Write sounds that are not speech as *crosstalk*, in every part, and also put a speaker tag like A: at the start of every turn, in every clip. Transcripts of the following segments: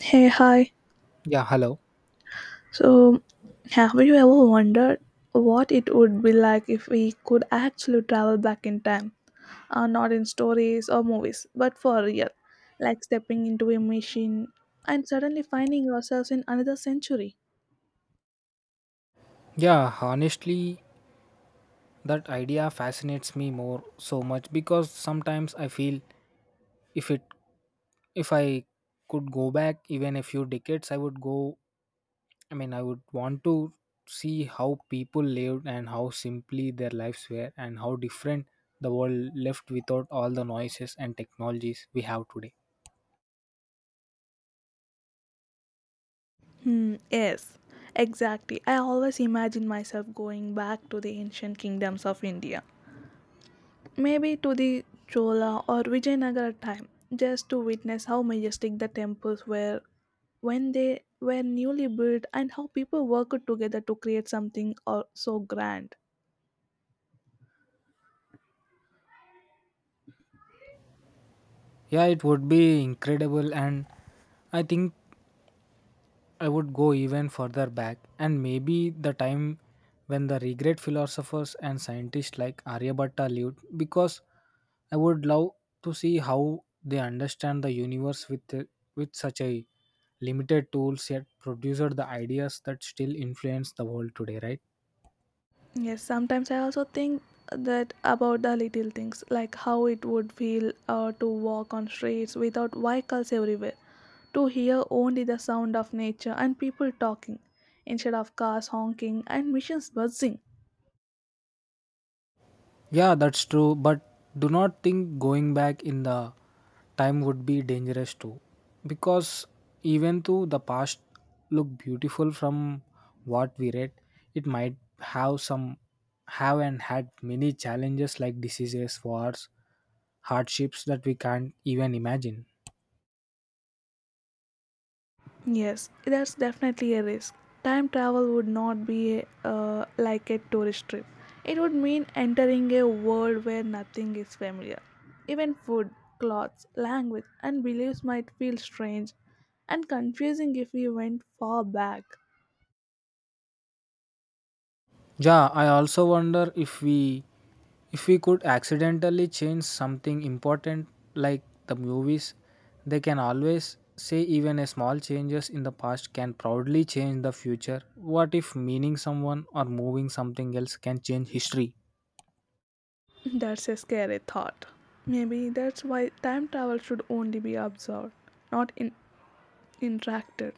A: Hey, hi.
B: Yeah, hello.
A: So, have you ever wondered what it would be like if we could actually travel back in time? Not in stories or movies, but for real. Like stepping into a machine and suddenly finding ourselves in another century.
B: Yeah, honestly, that idea fascinates me more so much because sometimes I feel if it if I could go back even a few decades, I mean, I would want to see how people lived and how simply their lives were and how different the world left without all the noises and technologies we have today.
A: Hmm, yes, exactly. I always imagine myself going back to the ancient kingdoms of India, maybe to the Chola or Vijayanagara time, just to witness how majestic the temples were when they were newly built and how people worked together to create something or so grand.
B: Yeah, it would be incredible and I think I would go even further back and maybe the time when the regret philosophers and scientists like Aryabhatta lived because I would love to see how they understand the universe with such a limited tools yet produced the ideas that still influence the world today, right?
A: Yes, sometimes I also think that about the little things, like how it would feel to walk on streets without vehicles everywhere, to hear only the sound of nature and people talking instead of cars honking and machines buzzing.
B: Yeah, that's true, but do not think going back in the time would be dangerous too. Because even though the past look beautiful from what we read, it might have some have and had many challenges like diseases, wars, hardships that we can't even imagine.
A: Yes, that's definitely a risk. Time travel would not be like a tourist trip. It would mean entering a world where nothing is familiar. Even food, clothes, language, and beliefs might feel strange and confusing if we went far back.
B: Yeah, I also wonder if we could accidentally change something important like the movies, they can always say even a small changes in the past can proudly change the future. What if meaning someone or moving something else can change history?
A: *laughs* That's a scary thought. Maybe that's why time travel should only be observed, not in- interacted.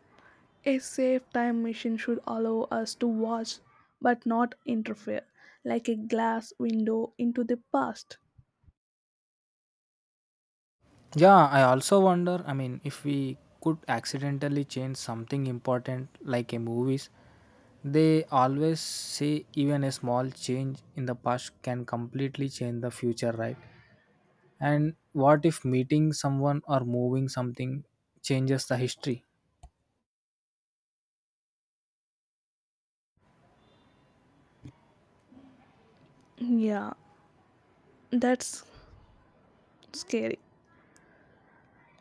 A: A safe time machine should allow us to watch but not interfere, like a glass window into the past.
B: Yeah, I also wonder, I mean, if we could accidentally change something important like a movies, they always say even a small change in the past can completely change the future, right? And what if meeting someone or moving something changes the history?
A: Yeah, that's scary.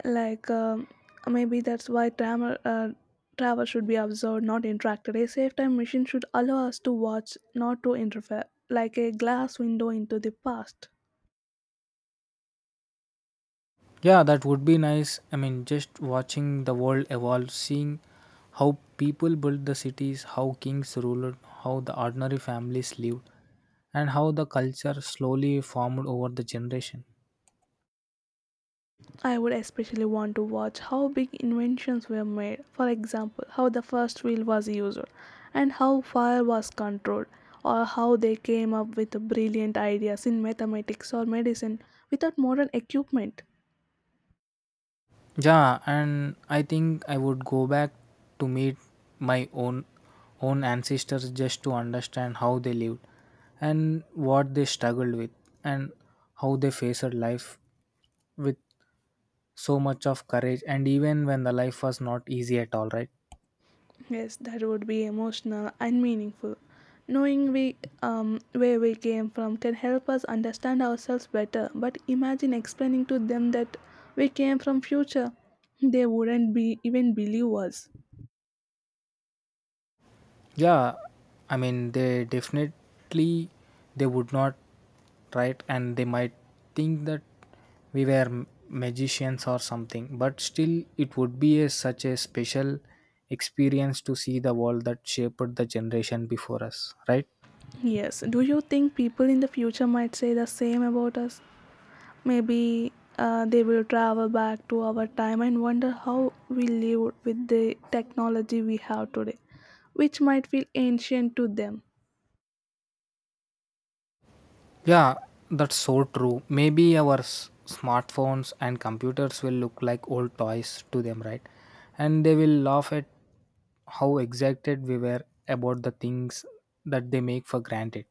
A: Like, um, Maybe that's why travel should be observed, not interacted. A safe time machine should allow us to watch, not to interfere, like a glass window into the past.
B: Yeah, that would be nice. I mean, just watching the world evolve, seeing how people built the cities, how kings ruled, how the ordinary families lived, and how the culture slowly formed over the generation.
A: I would especially want to watch how big inventions were made, for example, how the first wheel was used, and how fire was controlled, or how they came up with brilliant ideas in mathematics or medicine without modern equipment.
B: Yeah, and I think I would go back to meet my own ancestors just to understand how they lived and what they struggled with and how they faced life with so much of courage and even when the life was not easy at all, right?
A: Yes, that would be emotional and meaningful. Knowing where we came from can help us understand ourselves better, but imagine explaining to them that we came from future. They wouldn't be even believe us.
B: Yeah, I mean, they would not, right? And they might think that we were magicians or something, but still it would be such a special experience to see the world that shaped the generation before us, right?
A: Yes. Do you think people in the future might say the same about us? Maybe they will travel back to our time and wonder how we lived with the technology we have today, which might feel ancient to them.
B: Yeah, that's so true. Maybe our smartphones and computers will look like old toys to them, right? And they will laugh at how excited we were about the things that they make for granted.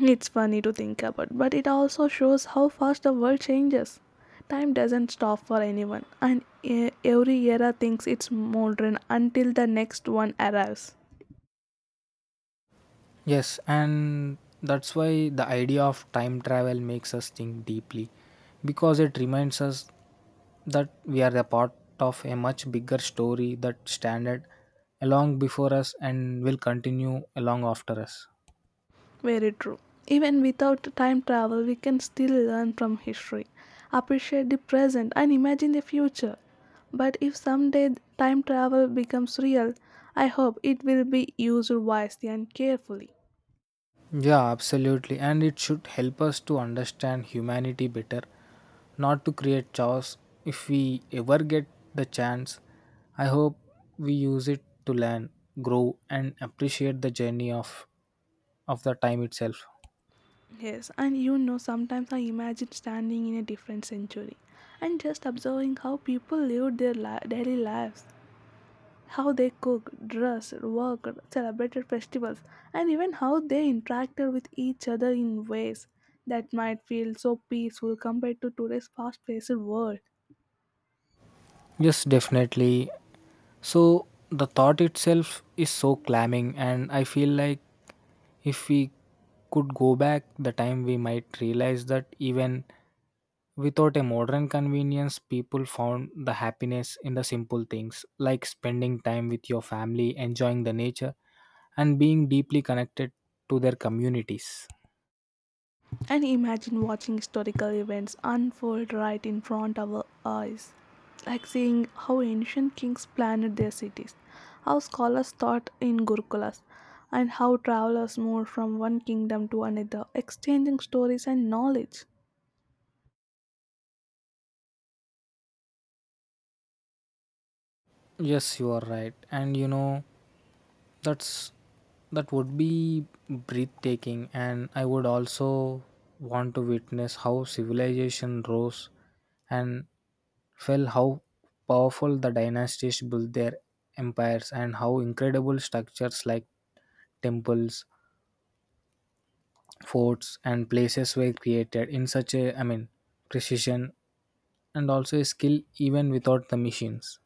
A: It's funny to think about, but it also shows how fast the world changes. Time doesn't stop for anyone, and every era thinks it's modern until the next one arrives.
B: Yes, and that's why the idea of time travel makes us think deeply because it reminds us that we are a part of a much bigger story that standard along before us and will continue along after us.
A: Very true. Even without time travel, we can still learn from history, appreciate the present, and imagine the future. But if someday time travel becomes real, I hope it will be used wisely and carefully.
B: Yeah, absolutely. And it should help us to understand humanity better, not to create chaos. If we ever get the chance, I hope we use it to learn, grow, and appreciate the journey of the time itself.
A: Yes, and you know, sometimes I imagine standing in a different century and just observing how people lived daily lives: how they cooked, dressed, worked, celebrated festivals, and even how they interacted with each other in ways that might feel so peaceful compared to today's fast paced world.
B: Yes, definitely. So, the thought itself is so clamming, and I feel like if we could go back the time, we might realize that even without a modern convenience, people found the happiness in the simple things like spending time with your family, enjoying the nature, and being deeply connected to their communities.
A: And imagine watching historical events unfold right in front of our eyes, like seeing how ancient kings planned their cities, how scholars taught in Gurukulas, and how travelers moved from one kingdom to another, exchanging stories and knowledge.
B: Yes, you are right. And you know, That's that would be breathtaking and I would also want to witness how civilization rose and fell, how powerful the dynasties built their empires and how incredible structures like temples, forts and places were created in such a I mean, precision and also a skill even without the machines.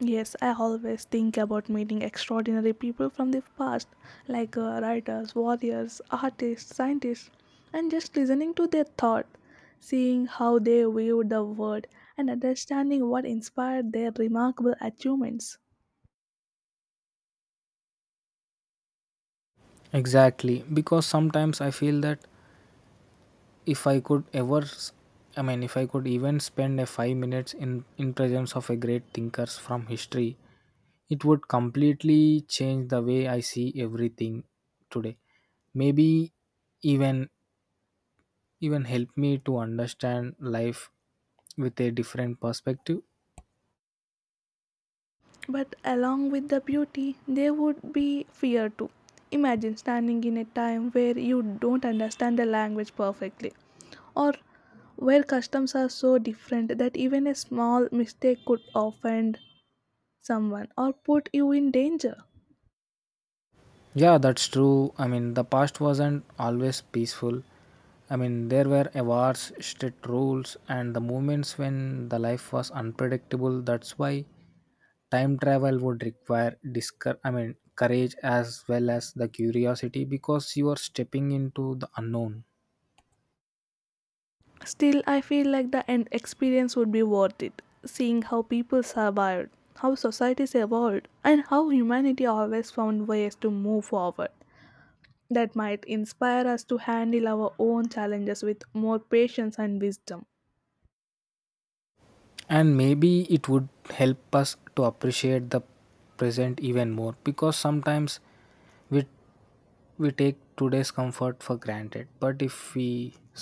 A: Yes, I always think about meeting extraordinary people from the past, like writers, warriors, artists, scientists, and just listening to their thought, seeing how they viewed the world, and understanding what inspired their remarkable achievements.
B: Exactly, because sometimes I feel that if I could ever s- I mean, if I could even spend a 5 minutes in presence of a great thinkers from history, it would completely change the way I see everything today. Maybe even even help me to understand life with a different perspective.
A: But along with the beauty, there would be fear too. Imagine standing in a time where you don't understand the language perfectly, or where customs are so different that even a small mistake could offend someone or put you in danger.
B: Yeah, that's true. I mean, the past wasn't always peaceful. I mean, there were wars, strict rules, and the moments when the life was unpredictable. That's why time travel would require I mean, courage as well as the curiosity, because you are stepping into the unknown.
A: Still, I feel like the end experience would be worth it, seeing how people survived, how societies evolved, and how humanity always found ways to move forward. That might inspire us to handle our own challenges with more patience and wisdom.
B: And maybe it would help us to appreciate the present even more because sometimes we we take today's comfort for granted. But if we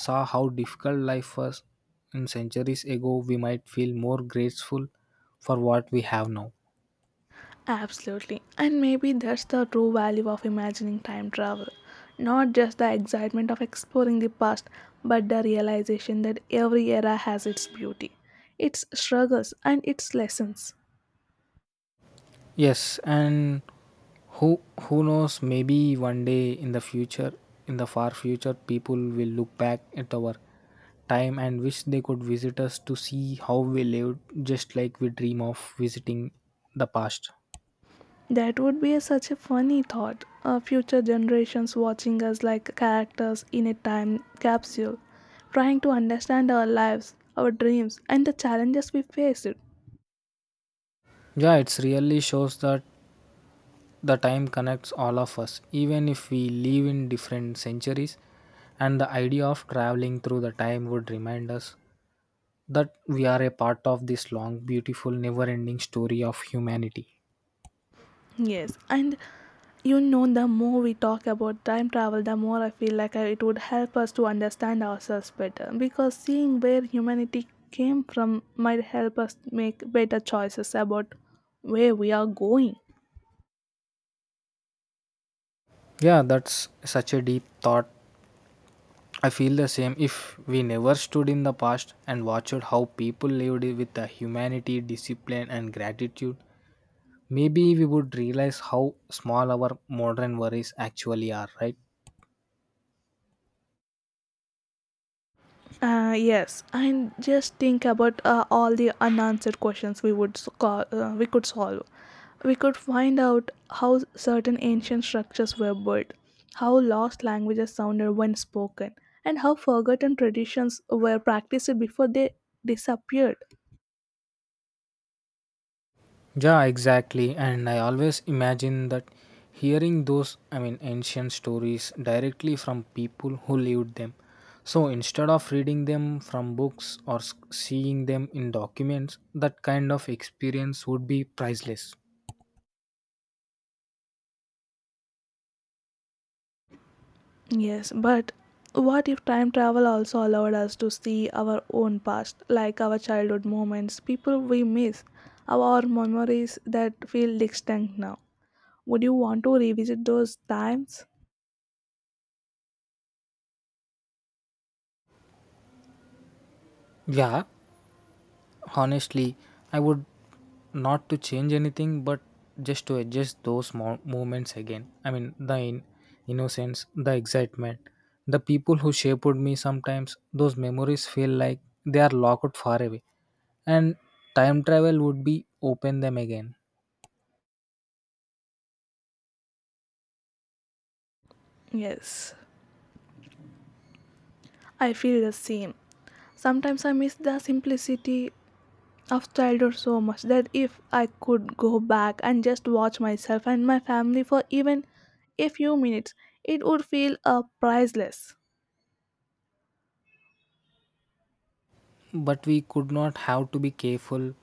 B: saw how difficult life was in centuries ago, we might feel more grateful for what we have now.
A: Absolutely. And maybe that's the true value of imagining time travel. Not just the excitement of exploring the past, but the realization that every era has its beauty, its struggles, and its lessons.
B: Yes, and who knows? Maybe one day in the future, in the far future, people will look back at our time and wish they could visit us to see how we lived, just like we dream of visiting the past.
A: That would be such a funny thought. Future generations watching us like characters in a time capsule, trying to understand our lives, our dreams, and the challenges we faced.
B: Yeah, it really shows that the time connects all of us, even if we live in different centuries. And the idea of traveling through the time would remind us that we are a part of this long, beautiful, never ending story of humanity.
A: Yes, and you know, the more we talk about time travel, the more I feel like it would help us to understand ourselves better. Because seeing where humanity came from might help us make better choices about where we are going.
B: Yeah, that's such a deep thought. I feel the same. If we never stood in the past and watched how people lived with the humanity, discipline, and gratitude, maybe we would realize how small our modern worries actually are, right?
A: Yes, and just think about all the unanswered questions we would s- call, we could solve. We could find out how certain ancient structures were built, how lost languages sounded when spoken, and how forgotten traditions were practiced before they disappeared.
B: Yeah, exactly. And I always imagine that hearing those, I mean, ancient stories directly from people who lived them. So instead of reading them from books or seeing them in documents, that kind of experience would be priceless.
A: Yes, but what if time travel also allowed us to see our own past, like our childhood moments, people we miss, our memories that feel distant now? Would you want to revisit those times?
B: Yeah, honestly I would, not to change anything but just to adjust those small moments again. I mean the innocence, the excitement, the people who shaped me. Sometimes those memories feel like they are locked far away and time travel would be open them again.
A: Yes, I feel the same. Sometimes I miss the simplicity of childhood so much that if I could go back and just watch myself and my family for even a few minutes, it would feel priceless.
B: But we could not have to be careful.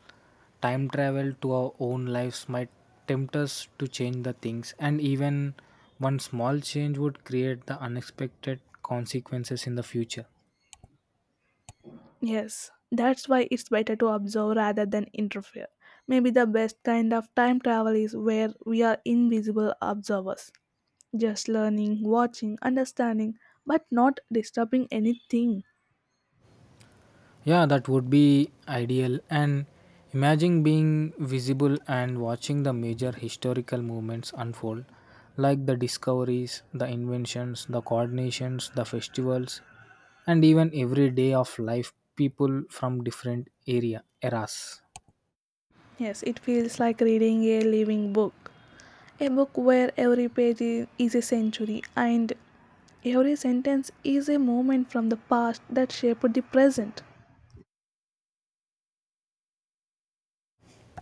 B: Time travel to our own lives might tempt us to change the things, and even one small change would create the unexpected consequences in the future.
A: Yes, that's why it's better to observe rather than interfere. Maybe the best kind of time travel is where we are invisible observers, just learning, watching, understanding, but not disturbing anything.
B: Yeah, that would be ideal. And imagine being visible and watching the major historical movements unfold, like the discoveries, the inventions, the coordinations, the festivals, and even every day of life people from different area eras.
A: Yes, it feels like reading a living book. A book where is a century and every sentence is a moment from the past that shaped the present.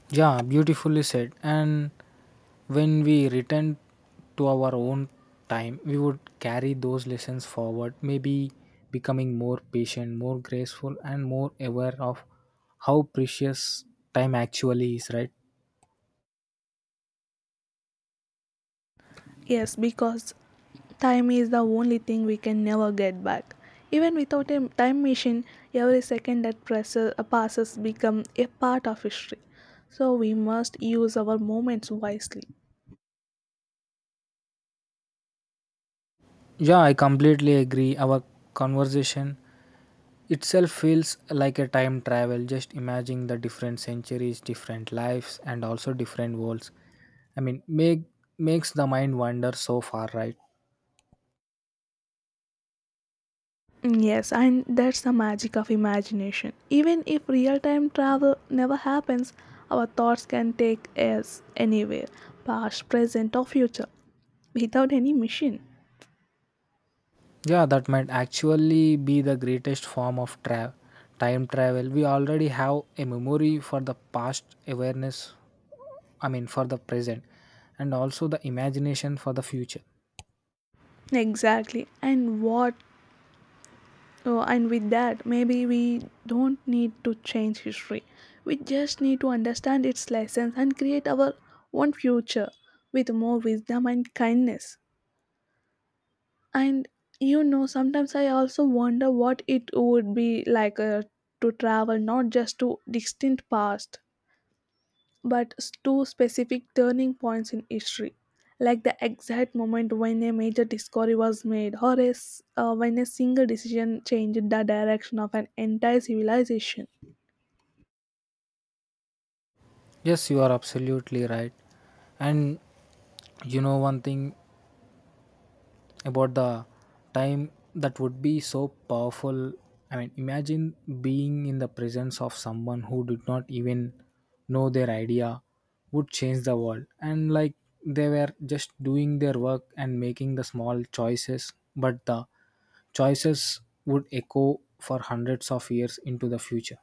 B: Yeah, beautifully said. And when we return to our own time, we would carry those lessons forward, maybe becoming more patient, more graceful, and more aware of how precious time actually is, right?
A: Yes, because time is the only thing we can never get back. Even without a time machine, every second that passes become a part of history. So we must use our moments wisely.
B: Yeah, I completely agree. Our conversation itself feels like a time travel, just imagining the different centuries, different lives, and also different worlds. I mean, makes the mind wander so far, right?
A: Yes, and that's the magic of imagination. Even if real time travel never happens, our thoughts can take us anywhere, past, present, or future, without any machine.
B: Yeah, that might actually be the greatest form of time travel. We already have a memory for the past, awareness, I mean, for the present, and also the imagination for the future.
A: Exactly. And with that, maybe we don't need to change history. We just need to understand its lessons and create our own future with more wisdom and kindness. And you know, sometimes I also wonder what it would be like to travel not just to distant past, to specific turning points in history, like the exact moment when a major discovery was made, or a s when a single decision changed the direction of an entire civilization.
B: Yes, you are absolutely right. And you know one thing, about the time that would be so powerful. I mean, imagine being in the presence of someone who did not even know their idea would change the world. And like they were just doing their work and making the small choices, but the choices would echo for hundreds of years into the future.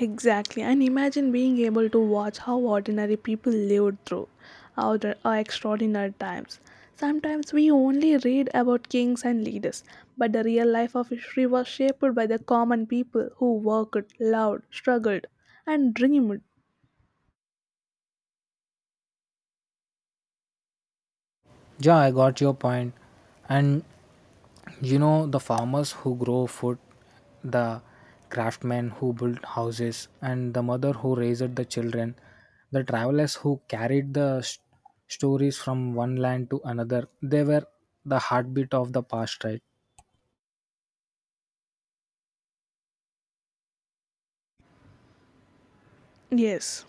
A: Exactly, and imagine being able to watch how ordinary people lived through our our extraordinary times. Sometimes we only read about kings and leaders, but the real life of history was shaped by the common people who worked, loved, struggled, and dreamed.
B: Yeah, I got your point. And you know, the farmers who grow food, the craftsmen who built houses, and the mother who raised the children, the travelers who carried the stories from one land to another, they were the heartbeat of the past, right?
A: Yes,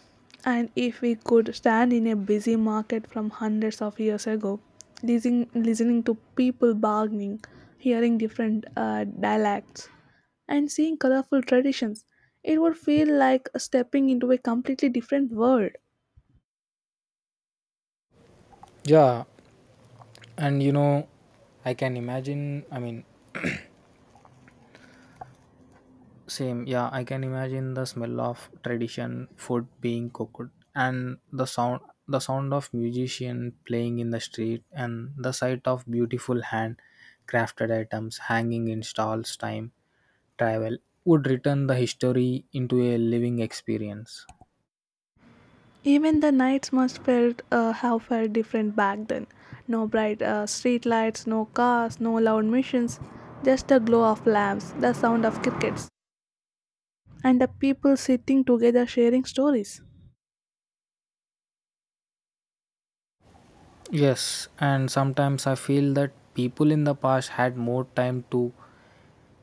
A: and if we could stand in a busy market from hundreds of years ago, listening to people bargaining, hearing different dialects, and seeing colorful traditions, it would feel like stepping into a completely different world.
B: Yeah, and you know, I can imagine, I mean, same, yeah, I can imagine the smell of tradition food being cooked, and the sound of musician playing in the street, and the sight of beautiful hand crafted items hanging in stalls. Time travel would return the history into a living experience.
A: Even the nights must felt have felt different back then. No bright street lights, no cars, no loud machines, just the glow of lamps, the sound of crickets, and the people sitting together sharing stories.
B: Yes, and sometimes I feel that people in the past had more time to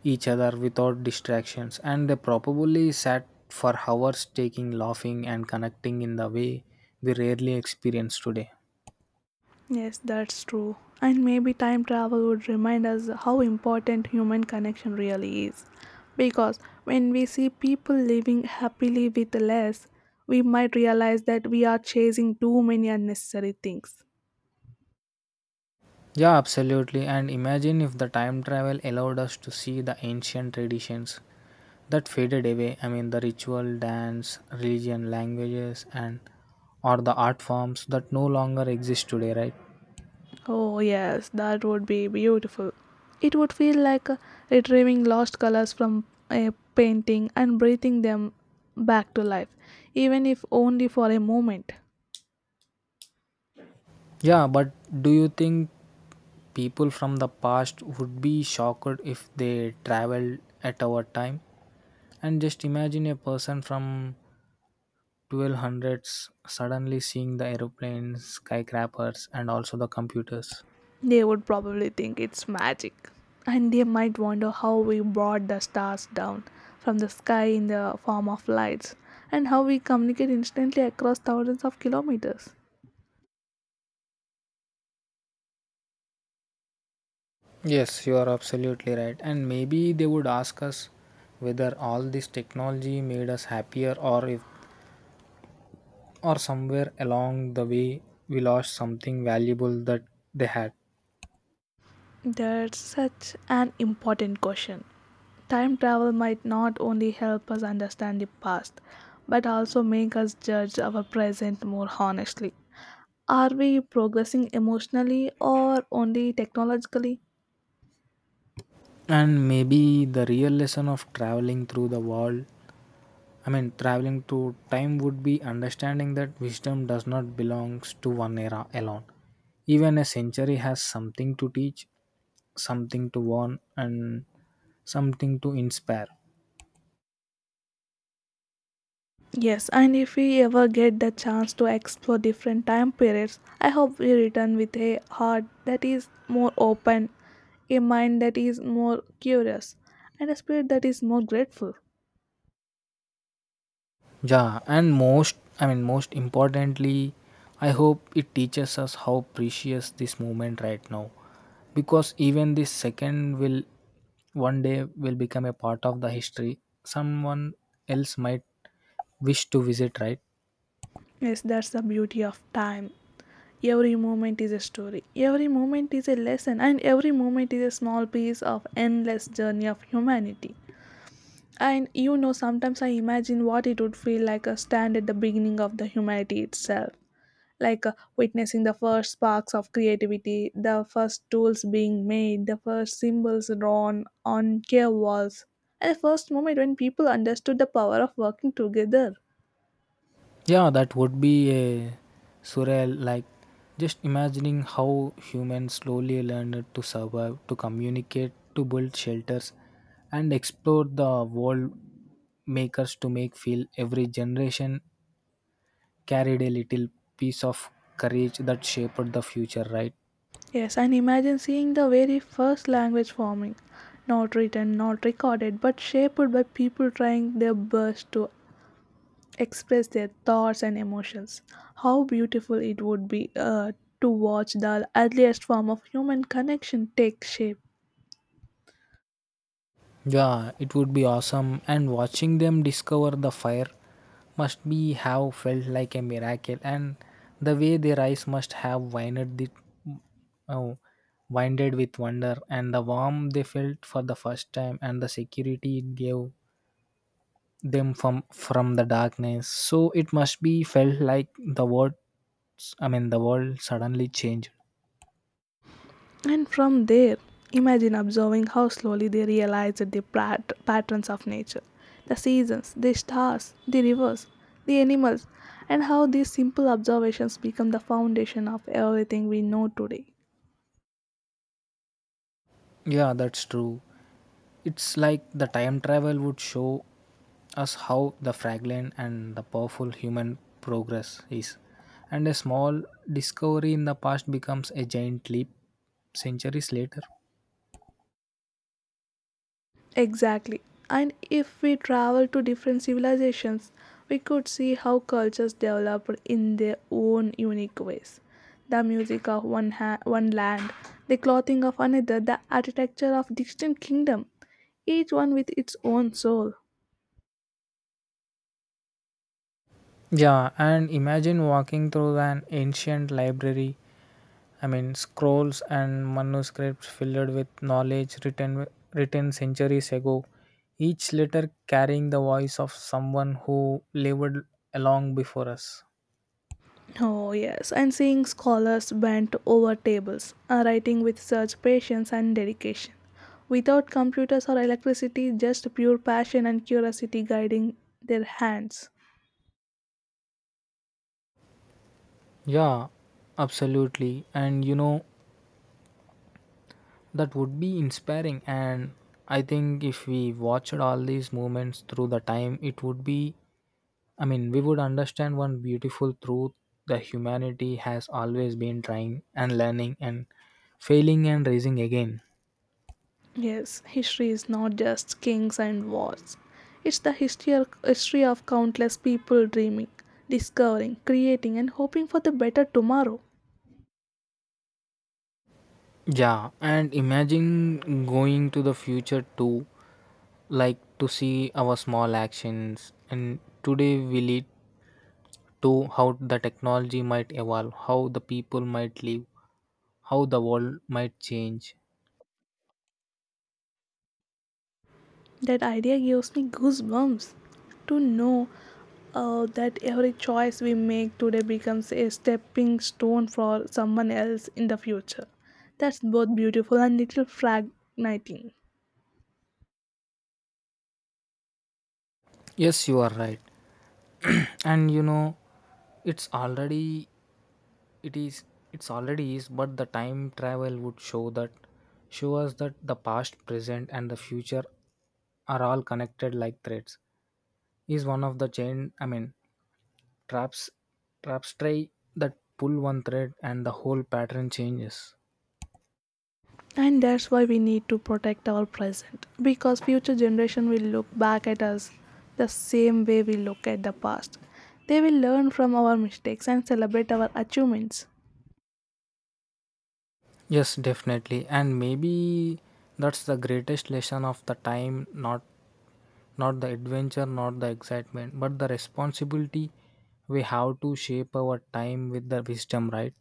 B: each other without distractions, and they probably sat for hours taking laughing and connecting in the way we rarely experience today.
A: Yes, that's true. And maybe time travel would remind us how important human connection really is. Because when we see people living happily with less, we might realize that we are chasing too many unnecessary things.
B: Yeah, absolutely. And imagine if the time travel allowed us to see the ancient traditions that faded away. I mean, the ritual dance, religion, languages, and or the art forms that no longer exist today, right?
A: Oh, yes, that would be beautiful. It would feel like retrieving lost colors from a painting and breathing them back to life, even if only for a moment.
B: Yeah, but do you think people from the past would be shocked if they traveled at our time? And just imagine a person from 1200s suddenly seeing the aeroplanes, skyscrapers, and also the computers.
A: They would probably think it's magic, and they might wonder how we brought the stars down from the sky in the form of lights, and how we communicate instantly across thousands of kilometers.
B: Yes, you are absolutely right. And maybe they would ask us whether all this technology made us happier or if or somewhere along the way we lost something valuable that they had.
A: That's such an important question. Time travel might not only help us understand the past, but also make us judge our present more honestly. Are we progressing emotionally or only technologically?
B: And maybe the real lesson of traveling through the world, I mean, traveling through time would be understanding that wisdom does not belong to one era alone. Even a century has something to teach, something to warn, and something to inspire.
A: Yes, and if we ever get the chance to explore different time periods, I hope we return with a heart that is more open, a mind that is more curious, and a spirit that is more grateful.
B: Yeah, and most, I mean, most importantly, I hope it teaches us how precious this moment right now, because even this second will one day will become a part of the history someone else might wish to visit, right?
A: Yes, that's the beauty of time. Every moment is a story, every moment is a lesson, and every moment is a small piece of endless journey of humanity. And you know, sometimes I imagine what it would feel like a stand at the beginning of the humanity itself, like witnessing the first sparks of creativity, the first tools being made, the first symbols drawn on cave walls, and the first moment when people understood the power of working together.
B: Yeah, that would be a surreal. Like, just imagining how humans slowly learned to survive, to communicate, to build shelters, and explore the world makers to make feel every generation carried a little piece of courage that shaped the future, right?
A: Yes, and imagine seeing the very first language forming, not written, not recorded, but shaped by people trying their best to express their thoughts and emotions. How beautiful it would be to watch the earliest form of human connection take shape.
B: Yeah, it would be awesome. And watching them discover the fire must be have felt like a miracle, and the way their eyes must have widened it. Oh, winded with wonder and the warmth they felt for the first time and the security it gave them from the darkness. So it must be felt like the world suddenly changed.
A: And from there, imagine observing how slowly they realize patterns of nature, the seasons, the stars, the rivers, the animals, and how these simple observations become the foundation of everything we know today.
B: Yeah, that's true. It's like the time travel would show us how the fragile and the powerful human progress is. And a small discovery in the past becomes a giant leap centuries later.
A: Exactly. And if we travel to different civilizations, we could see how cultures developed in their own unique ways. The music of one land, the clothing of another, the architecture of distant kingdom, each one with its own soul.
B: Yeah, and imagine walking through an ancient library. I mean, scrolls and manuscripts filled with knowledge written centuries ago. Each letter carrying the voice of someone who lived along before us.
A: Oh yes, and seeing scholars bent over tables, writing with such patience and dedication. Without computers or electricity, just pure passion and curiosity guiding their hands.
B: Yeah, absolutely. And you know, that would be inspiring. And I think if we watched all these moments through the time, it would be I mean, we would understand one beautiful truth that humanity has always been trying and learning and failing and raising again.
A: Yes, history is not just kings and wars. It's the history of countless people dreaming, discovering, creating, and hoping for the better tomorrow.
B: Yeah, and imagine going to the future too, like to see our small actions. And today we lead to how the technology might evolve, how the people might live, how the world might change.
A: That idea gives me goosebumps to know that every choice we make today becomes a stepping stone for someone else in the future. That's both beautiful and little frightening.
B: Yes, you are right. And you know, it's already it is it's already is, but the time travel would show us that the past, present, and the future are all connected like threads, is one of the chain. I mean, traps traps try that pull one thread and the whole pattern changes.
A: And that's why we need to protect our present, because future generation will look back at us the same way we look at the past. They will learn from our mistakes and celebrate our achievements.
B: Yes, definitely, and maybe that's the greatest lesson of the time, not the adventure, not the excitement, but the responsibility we have to shape our time with the wisdom, right?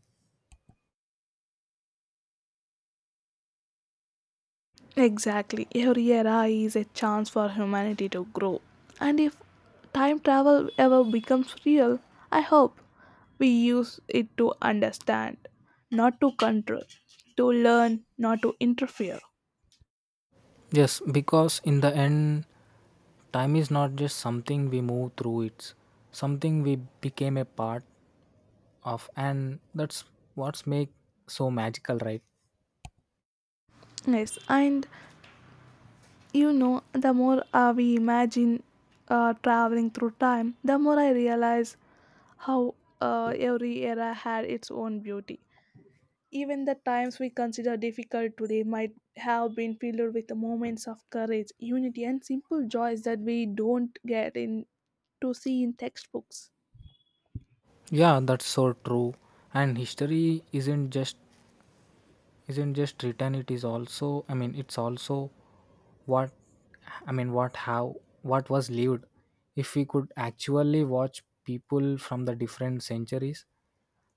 A: Exactly, every era is a chance for humanity to grow, and if time travel ever becomes real, I hope we use it to understand, not to control, to learn, not to interfere.
B: Yes, because in the end, time is not just something we move through, it's something we became a part of, and that's what's make so magical, right?
A: Yes, and you know, the more we imagine traveling through time, the more I realize how every era had its own beauty. Even the times we consider difficult today might have been filled with moments of courage, unity, and simple joys that we don't get in to see in textbooks.
B: Yeah, that's so true. And history isn't just written, it is also, I mean, it's also what I mean, what was lived. If we could actually watch people from the different centuries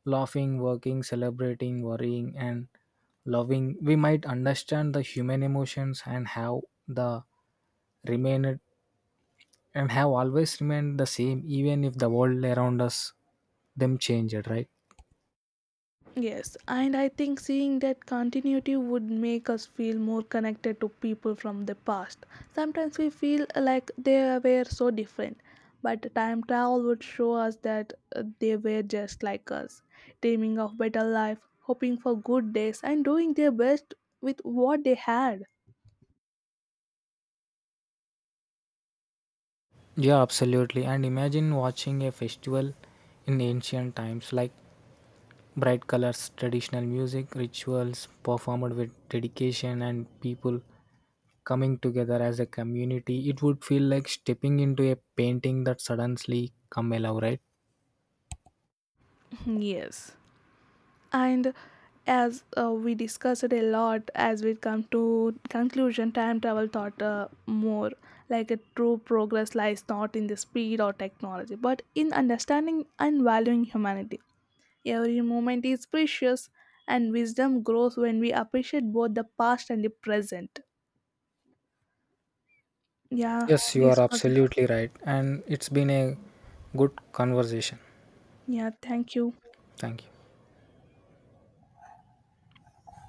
B: laughing, working, celebrating, worrying, and loving, we might understand the human emotions and the remained have always remained the same, even if the world around us them changed, right?
A: Yes, and I think seeing that continuity would make us feel more connected to people from the past. Sometimes we feel like they were so different, but time travel would show us that they were just like us, dreaming of better life, hoping for good days, and doing their best with what they had.
B: Yeah, absolutely. And imagine watching a festival in ancient times, like bright colors, traditional music, rituals performed with dedication, and people coming together as a community. It would feel like stepping into a painting that suddenly come alive, right?
A: *laughs* Yes. And as we discussed it a lot, as we come to conclusion, time travel thought more like a true progress lies not in the speed or technology but in understanding and valuing humanity. Every moment is precious, and wisdom grows when we appreciate both the past and the present. Yeah,
B: Yes, you are
A: this was,
B: absolutely right. And it's been a good conversation.
A: yeah, thank you.
B: Thank you.